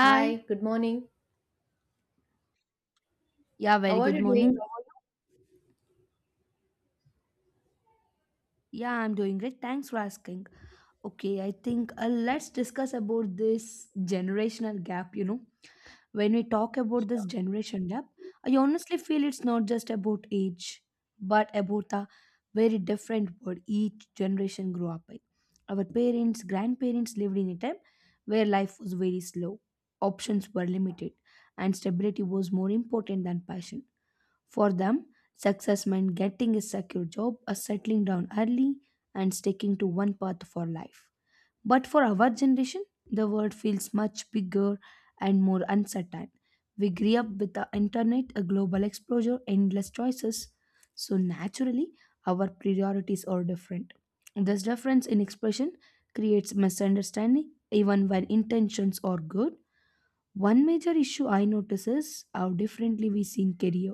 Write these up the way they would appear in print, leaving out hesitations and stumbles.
Hi, good morning. Yeah, very How are good you morning. doing? How are you? Yeah, I'm doing great. Thanks for asking. Okay, I think let's discuss about this generational gap. You know, when we talk about this generation gap, I honestly feel it's not just about age, but about the very different world each generation grew up in. Our parents, grandparents lived in a time where life was very slow, options were limited, and stability was more important than passion. For them, success meant getting a secure job, a settling down early, and sticking to one path for life. But for our generation, the world feels much bigger and more uncertain. We grew up with the internet, a global exposure, endless choices. So naturally, our priorities are different. This difference in expression creates misunderstanding, even when intentions are good. One major issue I notice is how differently we see in career.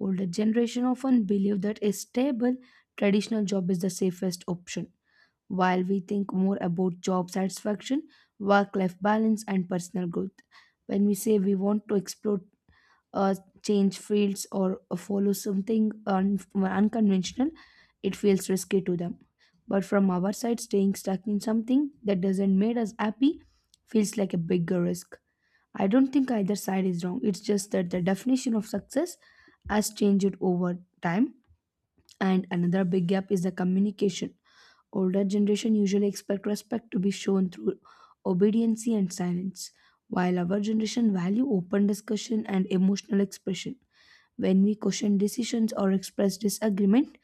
Older generation often believe that a stable traditional job is the safest option, while we think more about job satisfaction, work-life balance, and personal growth. When we say we want to explore, uh, change fields, or follow something unconventional, it feels risky to them. But from our side, staying stuck in something that doesn't make us happy feels like a bigger risk. I don't think either side is wrong. It's just that the definition of success has changed over time, and another big gap is the communication. Older generation usually expect respect to be shown through obedience and silence, while our generation value open discussion and emotional expression. When we question decisions or express disagreement,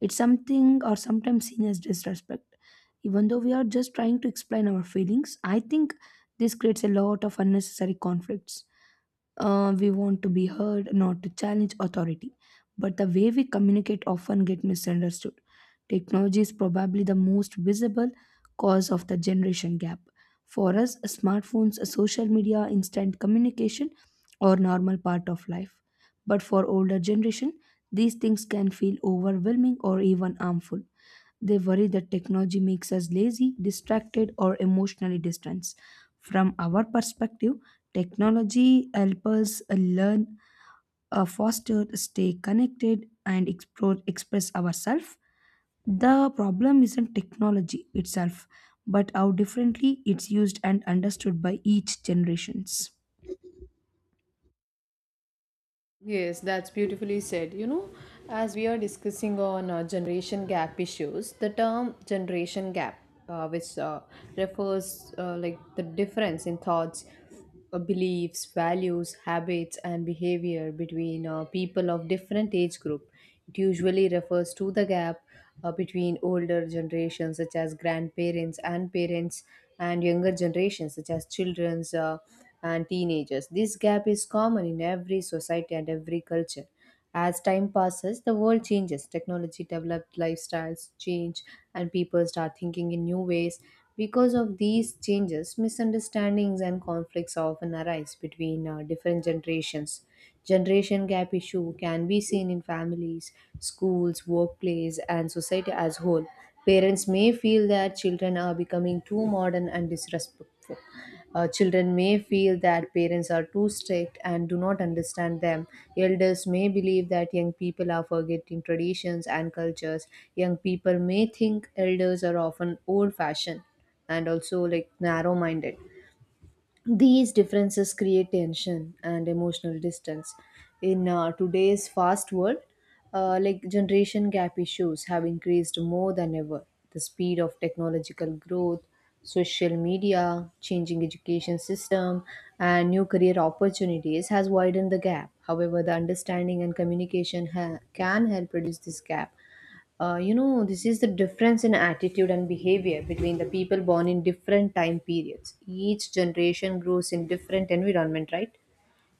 it's something or sometimes seen as disrespect even though we are just trying to explain our feelings. I think this creates a lot of unnecessary conflicts. We want to be heard, not to challenge authority. But the way we communicate often get misunderstood. Technology is probably the most visible cause of the generation gap. For us, smartphones, social media, instant communication are normal part of life. But for older generation, these things can feel overwhelming or even harmful. They worry that technology makes us lazy, distracted, or emotionally distant. From our perspective, technology helps us learn, foster, stay connected, and explore, express ourselves. The problem isn't technology itself, but how differently it's used and understood by each generations. Yes, that's beautifully said. You know, as we are discussing on generation gap issues, the term generation gap, which refers, like, the difference in thoughts, beliefs, values, habits, and behavior between people of different age group. It usually refers to the gap between older generations, such as grandparents and parents, and younger generations, such as children, and teenagers. This gap is common in every society and every culture. As time passes, the world changes. Technology developed, lifestyles change, and people start thinking in new ways. Because of these changes, misunderstandings and conflicts often arise between different generations. Generation gap issue can be seen in families, schools, workplace, and society as whole. Parents may feel that children are becoming too modern and disrespectful. Children may feel that parents are too strict and do not understand them. Elders may believe that young people are forgetting traditions and cultures. Young people may think elders are often old fashioned and also like narrow minded. These differences create tension and emotional distance. In today's fast world, like generation gap issues have increased more than ever. The speed of technological growth, social media, changing education system, and new career opportunities has widened the gap. However, the understanding and communication can help reduce this gap. You know, this is the difference in attitude and behavior between the people born in different time periods. Each generation grows in different environment, right?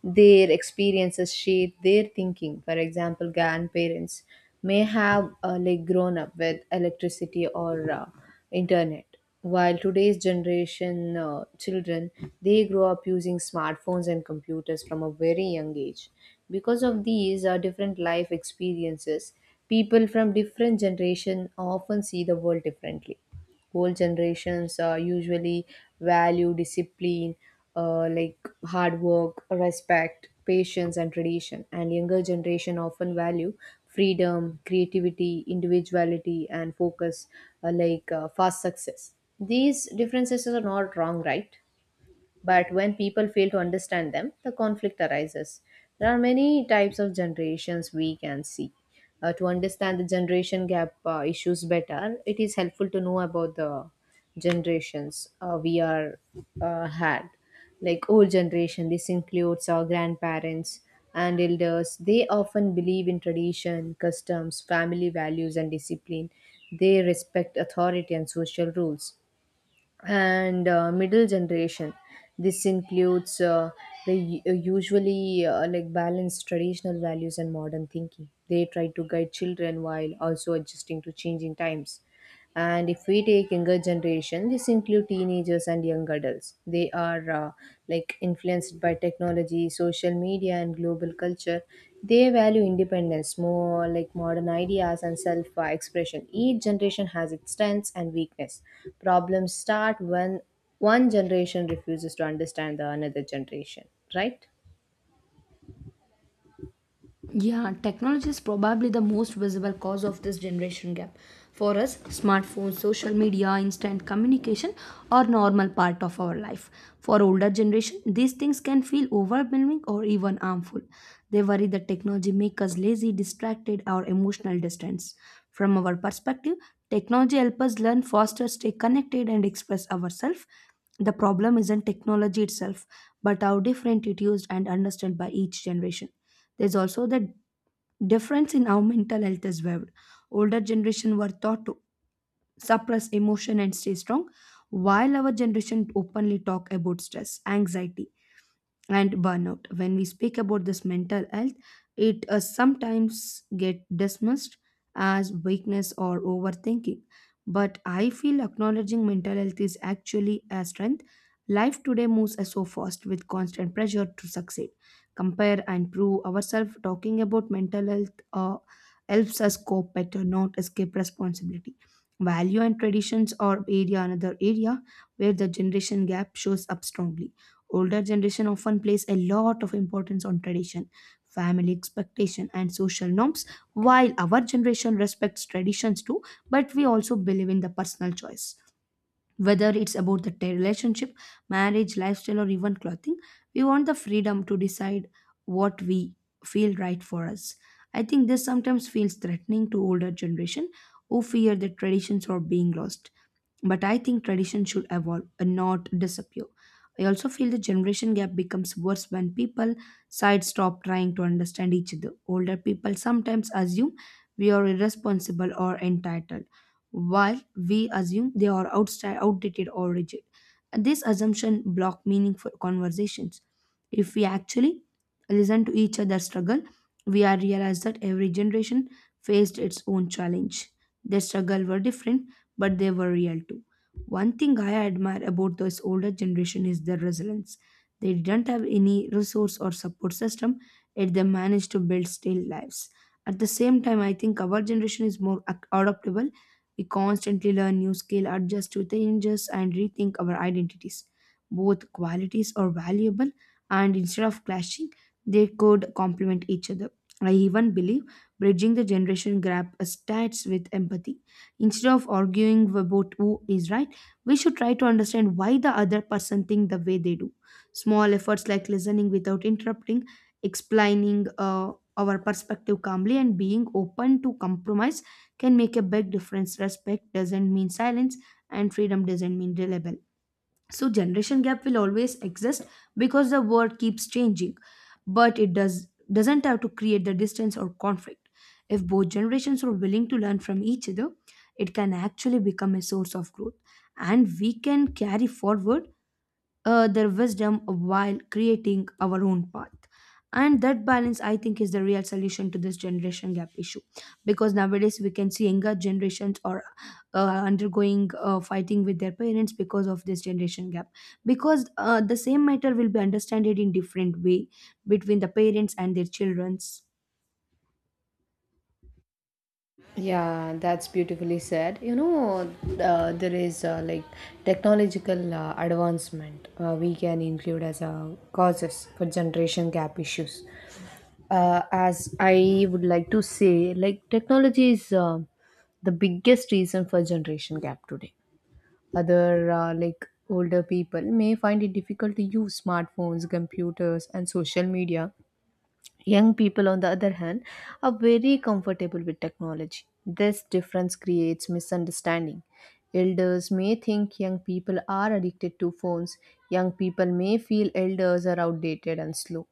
Their experiences shape their thinking. For example, grandparents may have like grown up with electricity or internet, while today's generation, children, they grow up using smartphones and computers from a very young age. Because of these different life experiences, people from different generation often see the world differently. Old generations usually value discipline, like hard work, respect, patience, and tradition. And younger generation often value freedom, creativity, individuality, and focus, like fast success. These differences are not wrong, right? But when people fail to understand them, the conflict arises. There are many types of generations we can see. To understand the generation gap issues better, it is helpful to know about the generations we are had. Like old generation, this includes our grandparents and elders. They often believe in tradition, customs, family values, and discipline. They respect authority and social rules. And middle generation. This includes usually like balanced traditional values and modern thinking. They try to guide children while also adjusting to changing times. And if we take younger generation, this include teenagers and young adults. They are like influenced by technology, social media, and global culture. They value independence, more like modern ideas and self expression. Each generation has its strengths and weakness. Problems start when one generation refuses to understand the another generation, right? Yeah, technology is probably the most visible cause of this generation gap. For us, smartphones, social media, instant communication are normal part of our life. For older generation, these things can feel overwhelming or even harmful. They worry that technology make us lazy, distracted, or emotional distance. From our perspective, technology helps us learn faster, stay connected, and express ourselves. The problem isn't technology itself, but how different it used and understood by each generation. There's also the difference in how mental health is viewed. Older generation were taught to suppress emotion and stay strong, while our generation openly talk about stress, anxiety, and burnout. When we speak about this mental health, it sometimes get dismissed as weakness or overthinking. But I feel acknowledging mental health is actually a strength. Life today moves so fast with constant pressure to succeed, compare, and prove ourselves. Talking about mental health helps us cope better, not escape responsibility. Value and traditions are area another area where the generation gap shows up strongly. Older generation often place a lot of importance on tradition, family expectation, and social norms, while our generation respects traditions too, but we also believe in the personal choice. Whether it's about the relationship, marriage, lifestyle, or even clothing, we want the freedom to decide what we feel right for us. I think this sometimes feels threatening to older generation who fear that traditions are being lost, but I think tradition should evolve and not disappear. I also feel the generation gap becomes worse when people sides stop trying to understand each other. Older people sometimes assume we are irresponsible or entitled, while we assume they are outdated or rigid. And this assumption block meaningful conversations. If we actually listen to each other's struggle, we are realize that every generation faced its own challenge. Their struggle were different but they were real too. One thing I admire about this older generation is their resilience. They didn't have any resource or support system, yet they managed to build still lives. At the same time, I think our generation is more adaptable. We constantly learn new skill, adjust to changes, and rethink our identities. Both qualities are valuable, and instead of clashing, they could complement each other. I even believe bridging the generation gap starts with empathy. Instead of arguing about who is right, we should try to understand why the other person think the way they do. Small efforts like listening without interrupting, explaining our perspective calmly, and being open to compromise can make a big difference. Respect doesn't mean silence, and freedom doesn't mean reliability. So generation gap will always exist because the world keeps changing, but it does doesn't have to create the distance or conflict. If both generations are willing to learn from each other, it can actually become a source of growth, and we can carry forward their wisdom while creating our own path. And that balance, I think, is the real solution to this generation gap issue. Because nowadays we can see younger generations are undergoing fighting with their parents because of this generation gap, because the same matter will be understood in different way between the parents and their childrens. Yeah, that's beautifully said. You know, there is like technological advancement we can include as a causes for generation gap issues. As I would like to say, like technology is the biggest reason for generation gap today. Other like older people may find it difficult to use smartphones, computers, and social media. Young people, on the other hand, are very comfortable with technology. This difference creates misunderstanding. Elders may think young people are addicted to phones. Young people may feel elders are outdated and slow.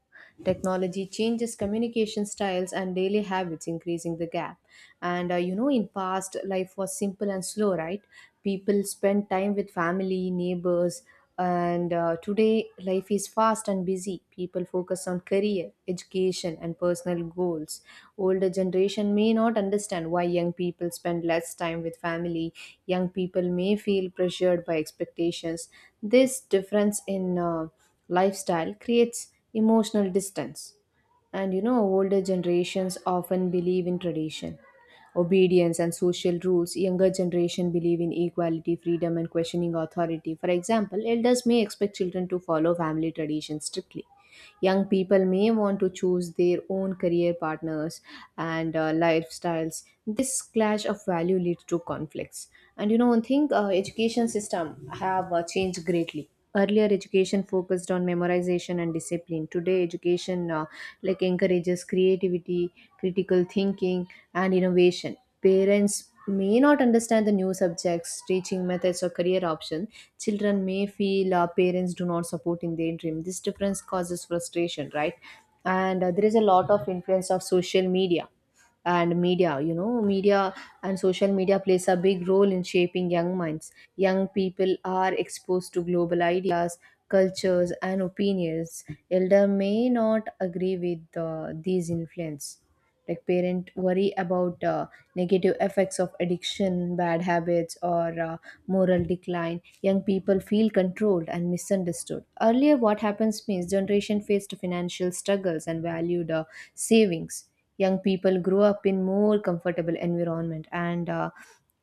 Technology changes communication styles and daily habits, increasing the gap. And you know, in past, life was simple and slow, right? People spent time with family, neighbors, and today, life is fast and busy. People focus on career, education, and personal goals. Older generation may not understand why young people spend less time with family. Young people may feel pressured by expectations. This difference in lifestyle creates emotional distance. And you know, older generations often believe in tradition, obedience, and social rules. Younger generation believe in equality, freedom, and questioning authority. For example, elders may expect children to follow family traditions strictly. Young people may want to choose their own career partners and lifestyles. This clash of value leads to conflicts. And you know, one thing, education system have changed greatly. Earlier, education focused on memorization and discipline. Today, education like encourages creativity, critical thinking, and innovation. Parents may not understand the new subjects, teaching methods, or career options. Children may feel parents do not support in their dream. This difference causes frustration, right? And there is a lot of influence of social media and media you know media and social media plays a big role in shaping young minds. Young people are exposed to global ideas, cultures, and opinions. Elder may not agree with these influence, like parent worry about negative effects of addiction, bad habits, or moral decline. Young people feel controlled and misunderstood. Earlier, what happens means generation faced financial struggles and valued savings. Young people grow up in more comfortable environment and uh,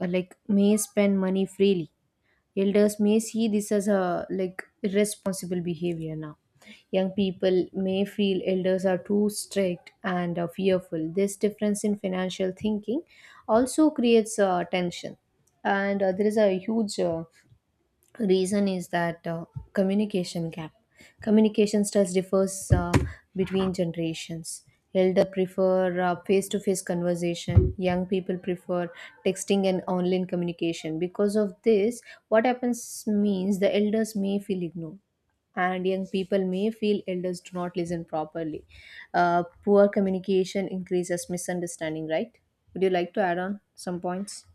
uh, like may spend money freely. Elders may see this as a like irresponsible behavior now. Young people may feel elders are too strict and fearful. This difference in financial thinking also creates tension. And there is a huge reason is that communication gap. Communication styles differs between generations. Elder prefer face-to-face conversation, young people prefer texting and online communication. Because of this, what happens means the elders may feel ignored and young people may feel elders do not listen properly. Poor communication increases misunderstanding, right? Would you like to add on some points?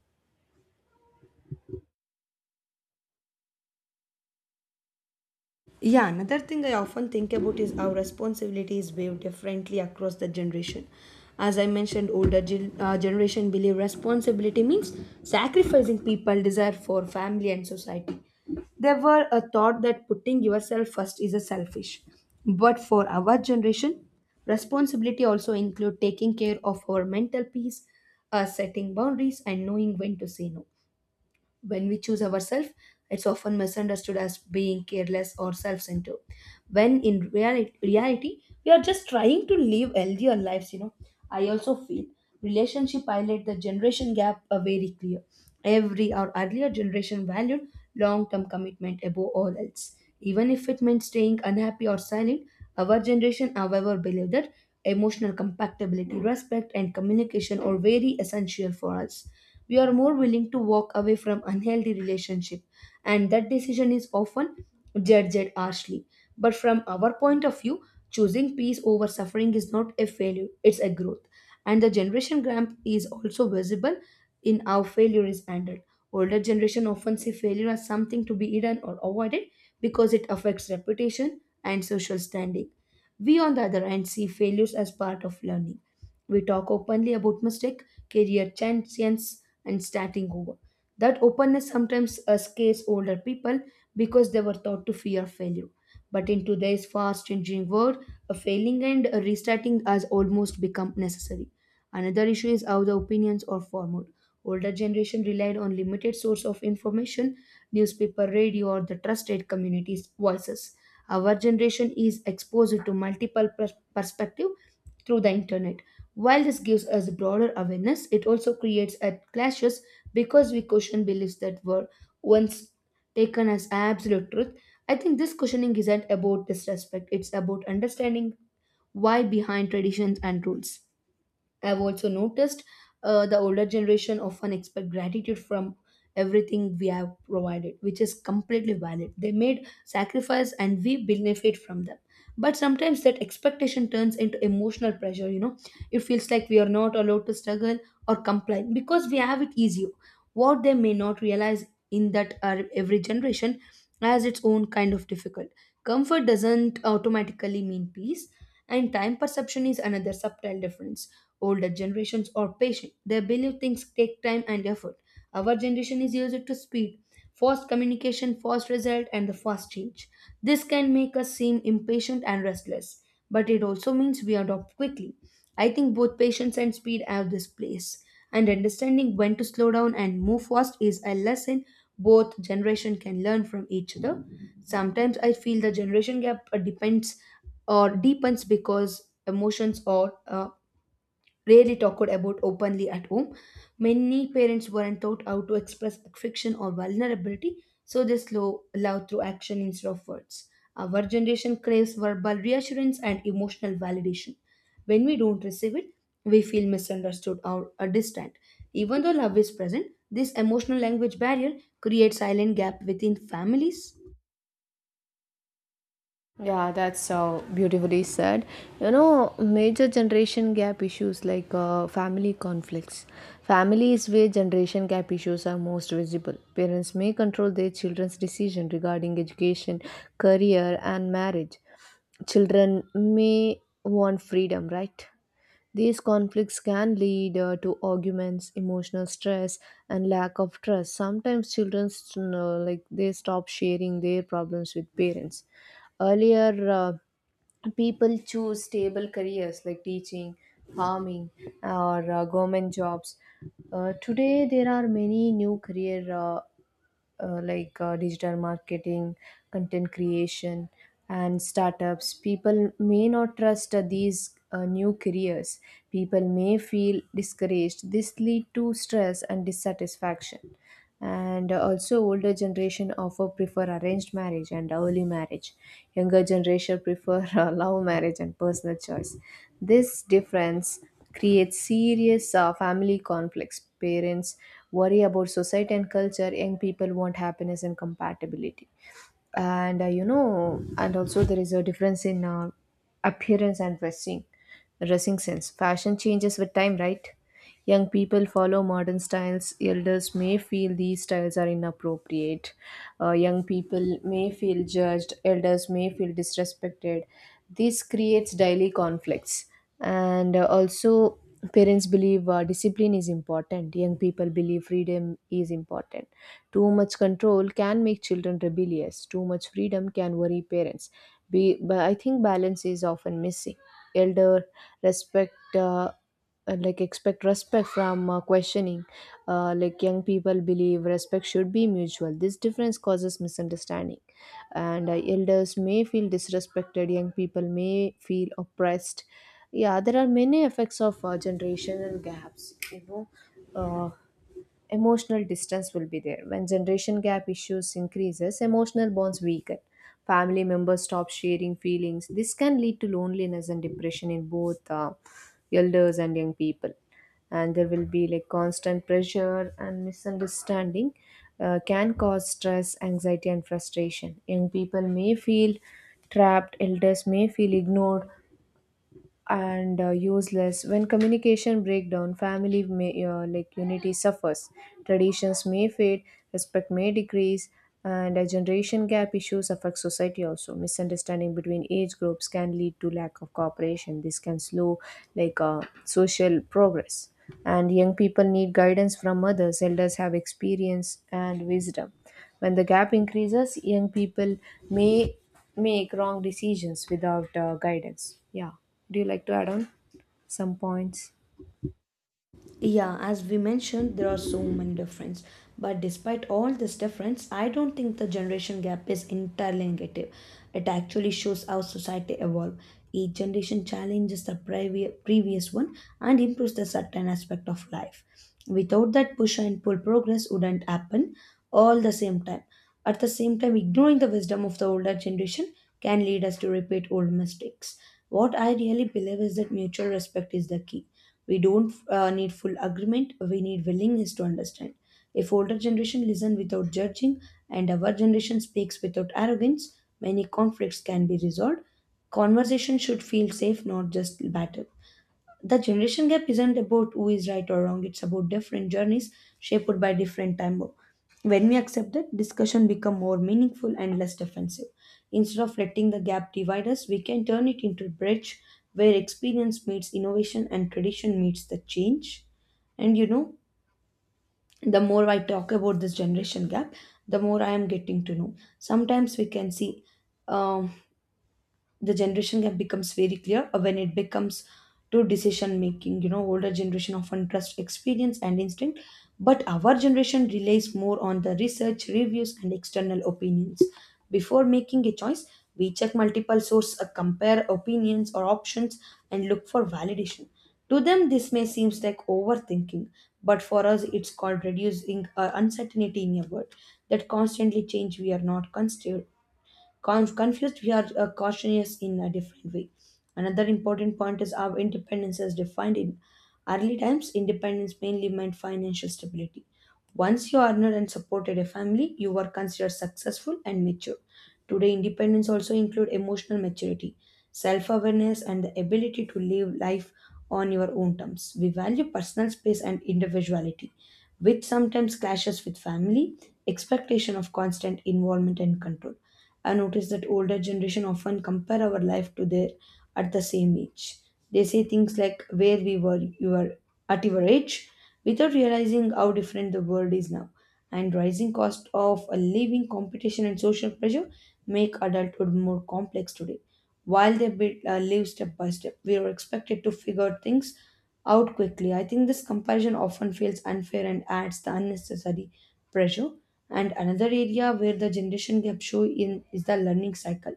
Yeah, another thing I often think about is how responsibility is viewed differently across the generation. As I mentioned, older generation believe responsibility means sacrificing people desire for family and society. There were a thought that putting yourself first is a selfish. But for our generation, responsibility also include taking care of our mental peace, setting boundaries, and knowing when to say no. When we choose ourselves, it's often misunderstood as being careless or self centered. When in reality, we are just trying to live healthier lives, you know. I also feel relationship highlight the generation gap are very clear. Every our earlier generation valued long term commitment above all else. Even if it meant staying unhappy or silent, our generation, however, believed that emotional compatibility, respect, and communication are very essential for us. We are more willing to walk away from unhealthy relationship, and that decision is often judged harshly. But from our point of view, choosing peace over suffering is not a failure, it's a growth. And the generation gap is also visible in how failure is handled. Older generation often see failure as something to be hidden or avoided because it affects reputation and social standing. We, on the other hand, see failures as part of learning. We talk openly about mistake, career chances, and starting over. That openness sometimes scares older people because they were taught to fear failure. But in today's fast changing world, a failing and a restarting has almost become necessary. Another issue is how the opinions are formed. Older generation relied on limited source of information, newspaper, radio, or the trusted community's voices. Our generation is exposed to multiple perspective through the internet. While this gives us broader awareness, it also creates a clashes because we question beliefs that were once taken as absolute truth. I think this questioning isn't about disrespect, it's about understanding why behind traditions and rules. I've also noticed the older generation often expect gratitude from everything we have provided, which is completely valid. They made sacrifice and we benefit from them. But sometimes that expectation turns into emotional pressure, you know. It feels like we are not allowed to struggle or complain because we have it easier. What they may not realize in that every generation has its own kind of difficult. Comfort doesn't automatically mean peace, and time perception is another subtle difference. Older generations are patient, they believe things take time and effort. Our generation is used to speed, fast communication, fast result, and the fast change. This can make us seem impatient and restless, but it also means we adopt quickly. I think both patience and speed have this place, and understanding when to slow down and move fast is a lesson both generation can learn from each other. Sometimes I feel the generation gap depends or deepens because emotions are rarely talked about openly at home. Many parents weren't taught how to express affection or vulnerability, so they slow love through action instead of words. Our generation craves verbal reassurance and emotional validation. When we don't receive it, we feel misunderstood or distant. Even though love is present, this emotional language barrier creates silent gap within families. Yeah, that's so beautifully said. You know, major generation gap issues like family conflicts. Family is where generation gap issues are most visible. Parents may control their children's decision regarding education, career, and marriage. Children may want freedom, right? These conflicts can lead to arguments, emotional stress, and lack of trust. Sometimes children, like they stop sharing their problems with parents. Earlier, people choose stable careers like teaching, farming, or government jobs. Today, there are many new career. Like digital marketing, content creation, and startups, people may not trust these new careers. People may feel discouraged. This lead to stress and dissatisfaction. And also, older generation often prefer arranged marriage and early marriage. Younger generation prefer love marriage and personal choice. This difference creates serious family conflicts. Parents worry about society and culture, young people want happiness and compatibility. And you know, and also there is a difference in appearance and dressing. Dressing sense, fashion changes with time, right? Young people follow modern styles, elders may feel these styles are inappropriate. Young people may feel judged, elders may feel disrespected. This creates daily conflicts. And also, parents believe discipline is important, young people believe freedom is important. Too much control can make children rebellious. Too much freedom can worry parents. But I think balance is often missing. Elder respect, like expect respect from questioning. Like young people believe respect should be mutual. This difference causes misunderstanding, and elders may feel disrespected. Young people may feel oppressed. Yeah, there are many effects of generational gaps. You know. Uh, Emotional distance will be there. When generation gap issues increases, emotional bonds weaken. Family members stop sharing feelings. This can lead to loneliness and depression in both elders and young people. And there will be like constant pressure and misunderstanding. Can cause stress, anxiety, and frustration. Young people may feel trapped, elders may feel ignored and useless. When communication breakdown, family may like unity suffers. Traditions may fade, respect may decrease. And a generation gap issues affect society also. Misunderstanding between age groups can lead to lack of cooperation. This can slow like social progress. And young people need guidance from others, elders have experience and wisdom. When the gap increases, young people may make wrong decisions without guidance. Yeah. Do you like to add on some points? Yeah, as we mentioned, there are so many differences. But despite all this difference, I don't think the generation gap is entirely negative. It actually shows how society evolved. Each generation challenges the previous one and improves the certain aspect of life. Without that push and pull, progress wouldn't happen all the same time. At the same time, ignoring the wisdom of the older generation can lead us to repeat old mistakes. What I really believe is that mutual respect is the key. We don't need full agreement, we need willingness to understand. If older generation listen without judging and our generation speaks without arrogance, many conflicts can be resolved. Conversation should feel safe, not just battle. The generation gap isn't about who is right or wrong, it's about different journeys shaped by different time. When we accept that, discussion become more meaningful and less defensive. Instead of letting the gap divide us, we can turn it into a bridge where experience meets innovation and tradition meets the change. And you know, the more I talk about this generation gap, the more I am getting to know. Sometimes we can see, um, the generation gap becomes very clear when it becomes to decision making, you know, older generation often trust experience and instinct, but our generation relies more on the research reviews and external opinions. Before making a choice, we check multiple sources, compare opinions or options, and look for validation. To them this may seem like overthinking, but for us it's called reducing uncertainty in a world that constantly change. We are not considered confused, we are cautious in a different way. Another important point is our independence is defined in early times. Independence mainly meant financial stability. Once you earned and supported a family, you were considered successful and mature. Today, independence also include emotional maturity, self-awareness, and the ability to live life on your own terms. We value personal space and individuality, which sometimes clashes with family expectation of constant involvement and control. I notice that older generation often compare our life to their at the same age. They say things like where we were you were at your age without realizing how different the world is now. And rising cost of a living competition and social pressure make adulthood more complex today. While they build, live step by step, we are expected to figure things out quickly. I think this comparison often feels unfair and adds the unnecessary pressure. And another area where the generation gap show in is the learning cycle.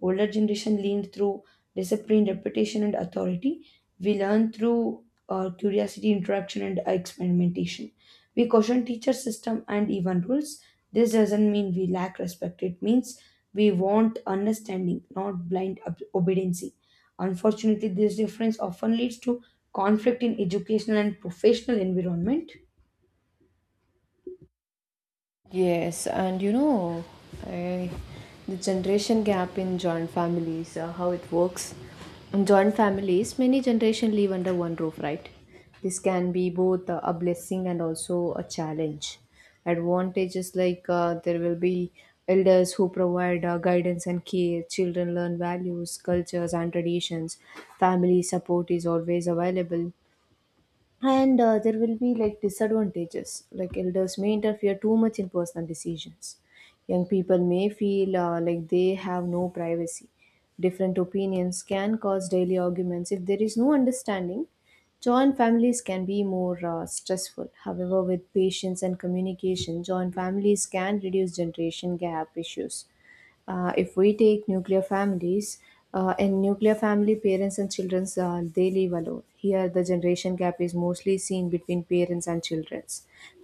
Older generation leaned through discipline, reputation, and authority. We learn through curiosity, interaction, and experimentation. We caution teacher system and even rules. This doesn't mean we lack respect. It means we want understanding, not blind obedience. Unfortunately, this difference often leads to conflict in educational and professional environment. Yes, and you know, I, the generation gap in joint families, how it works. In joint families, many generations live under one roof, right? This can be both a blessing and also a challenge. Advantages like there will be elders who provide guidance and care, children learn values, cultures, and traditions. Family support is always available, and there will be like disadvantages like elders may interfere too much in personal decisions, young people may feel like they have no privacy, different opinions can cause daily arguments if there is no understanding. Joint families can be more stressful. However, with patience and communication, joint families can reduce generation gap issues. If we take nuclear families, in nuclear family, parents and children they live alone. Here, the generation gap is mostly seen between parents and children.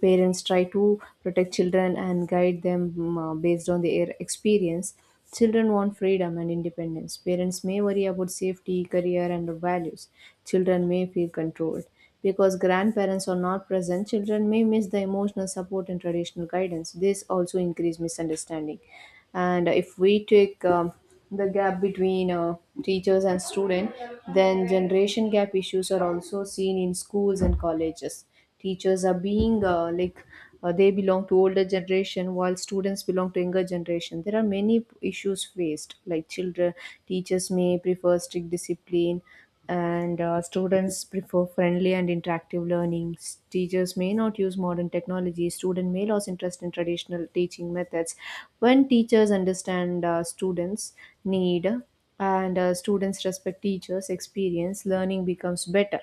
Parents try to protect children and guide them based on their experience. Children want freedom and independence. Parents may worry about safety, career, and values. Children may feel controlled. Because grandparents are not present, children may miss the emotional support and traditional guidance. This also increases misunderstanding. And if we take the gap between teachers and student, then generation gap issues are also seen in schools and colleges. Teachers are being like they belong to older generation while students belong to younger generation. There are many issues faced like children teachers may prefer strict discipline, and students prefer friendly and interactive learning. Teachers may not use modern technology, student may lose interest in traditional teaching methods. When teachers understand students need, and students respect teachers experience, learning becomes better.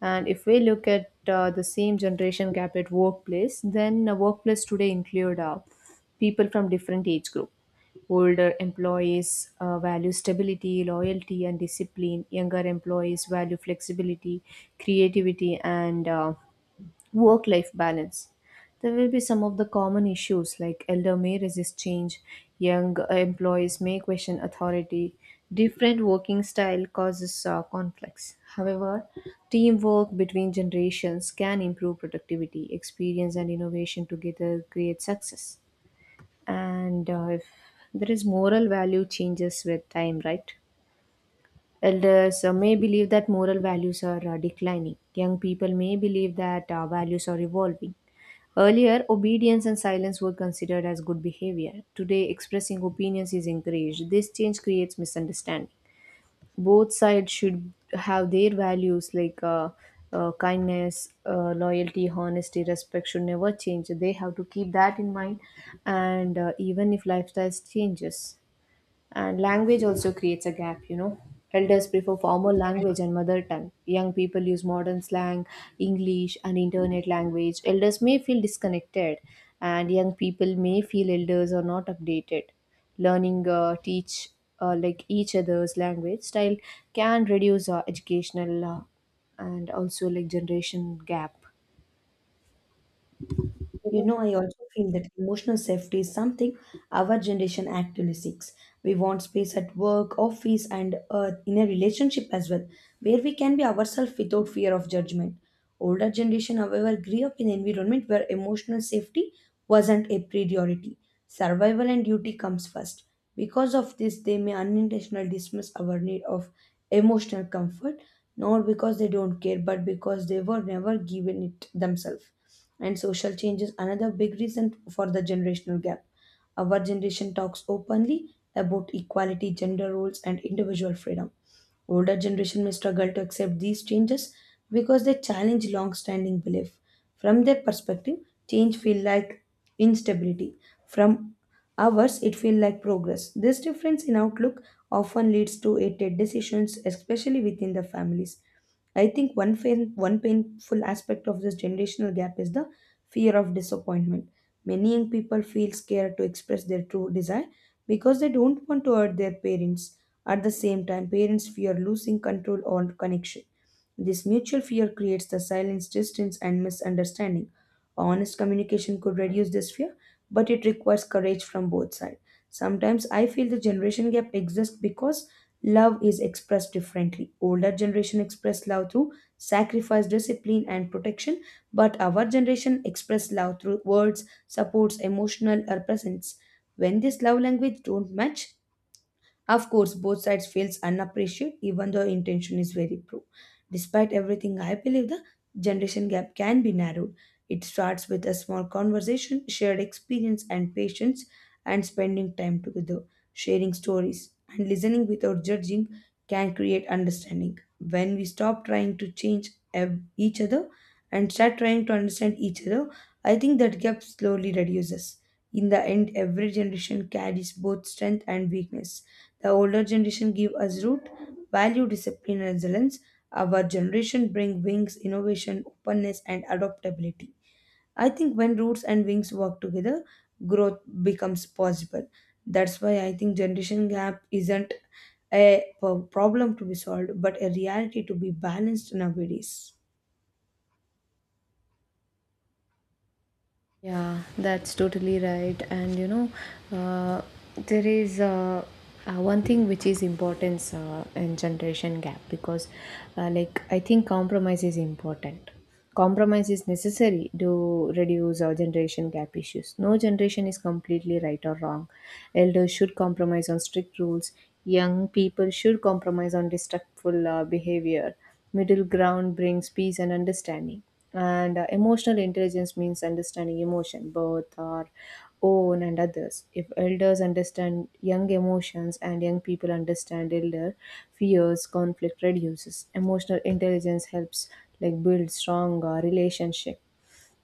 And if we look at the same generation gap at workplace, then workplace today include people from different age group. Older employees value stability, loyalty, and discipline. Younger employees value flexibility, creativity, and work life balance. There will be some of the common issues like elder may resist change, young employees may question authority, different working style causes conflicts. However, teamwork between generations can improve productivity, experience, and innovation together create success. And if there is moral value changes with time, right? Elders may believe that moral values are declining. Young people may believe that values are evolving. Earlier, obedience and silence were considered as good behavior. Today, expressing opinions is encouraged. This change creates misunderstanding. Both sides should have their values like kindness, loyalty, honesty, respect should never change. They have to keep that in mind, and even if lifestyles changes. And language also creates a gap, you know. Elders prefer formal language and mother tongue. Young people use modern slang, English, and internet language. Elders may feel disconnected, and young people may feel elders are not updated. Learning teach like each other's language style can reduce our educational and also like generation gap. You know, I also feel that emotional safety is something our generation actively seeks. We want space at work, office, and in a relationship as well, where we can be ourselves without fear of judgment. Older generation, however, grew up in an environment where emotional safety wasn't a priority. Survival and duty comes first. Because of this, they may unintentionally dismiss our need of emotional comfort, not because they don't care, but because they were never given it themselves. And social change is another big reason for the generational gap. Our generation talks openly about equality, gender roles, and individual freedom. Older generation may struggle to accept these changes because they challenge long-standing belief. From their perspective, change feel like instability. From ours, it feel like progress. This difference in outlook often leads to hated decisions, especially within the families. I think one painful aspect of this generational gap is the fear of disappointment. Many young people feel scared to express their true desire because they don't want to hurt their parents. At the same time, parents fear losing control or connection. This mutual fear creates the silence, distance, and misunderstanding. Honest communication could reduce this fear, but it requires courage from both sides. Sometimes I feel the generation gap exists because love is expressed differently. Older generation express love through sacrifice, discipline, and protection, but our generation express love through words, supports, emotional, or presence. When this love language don't match, of course, both sides feels unappreciated even though intention is very poor. Despite everything, I believe the generation gap can be narrowed. It starts with a small conversation, shared experience and patience and spending time together, sharing stories and listening without judging can create understanding. When we stop trying to change each other and start trying to understand each other, I think that gap slowly reduces. In the end, every generation carries both strength and weakness. The older generation give us root, value, discipline, and resilience. Our generation bring wings, innovation, openness, and adaptability. I think when roots and wings work together, growth becomes possible. That's why I think generation gap isn't a problem to be solved, but a reality to be balanced nowadays. Yeah, that's totally right. And you know, uh, there is one thing which is importance in generation gap because, like, I think compromise is important. Compromise is necessary to reduce our generation gap issues. No generation is completely right or wrong. Elders should compromise on strict rules. Young people should compromise on destructful behavior. Middle ground brings peace and understanding, and emotional intelligence means understanding emotion, both our own and others. If elders understand young emotions and young people understand elder fears, conflict reduces. Emotional intelligence helps like build strong relationship.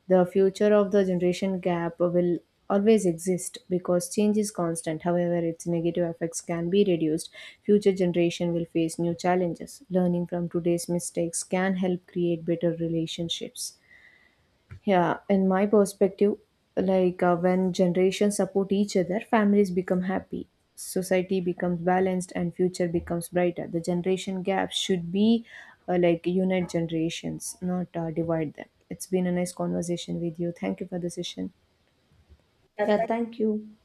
The future of the generation gap will always exist because change is constant. However, its negative effects can be reduced. Future generation will face new challenges. Learning from today's mistakes can help create better relationships. Yeah, in my perspective, like when generations support each other, families become happy, society becomes balanced, and future becomes brighter. The generation gap should be like unite generations, not divide them. It's been a nice conversation with you. Thank you for the session. Yeah, thank you.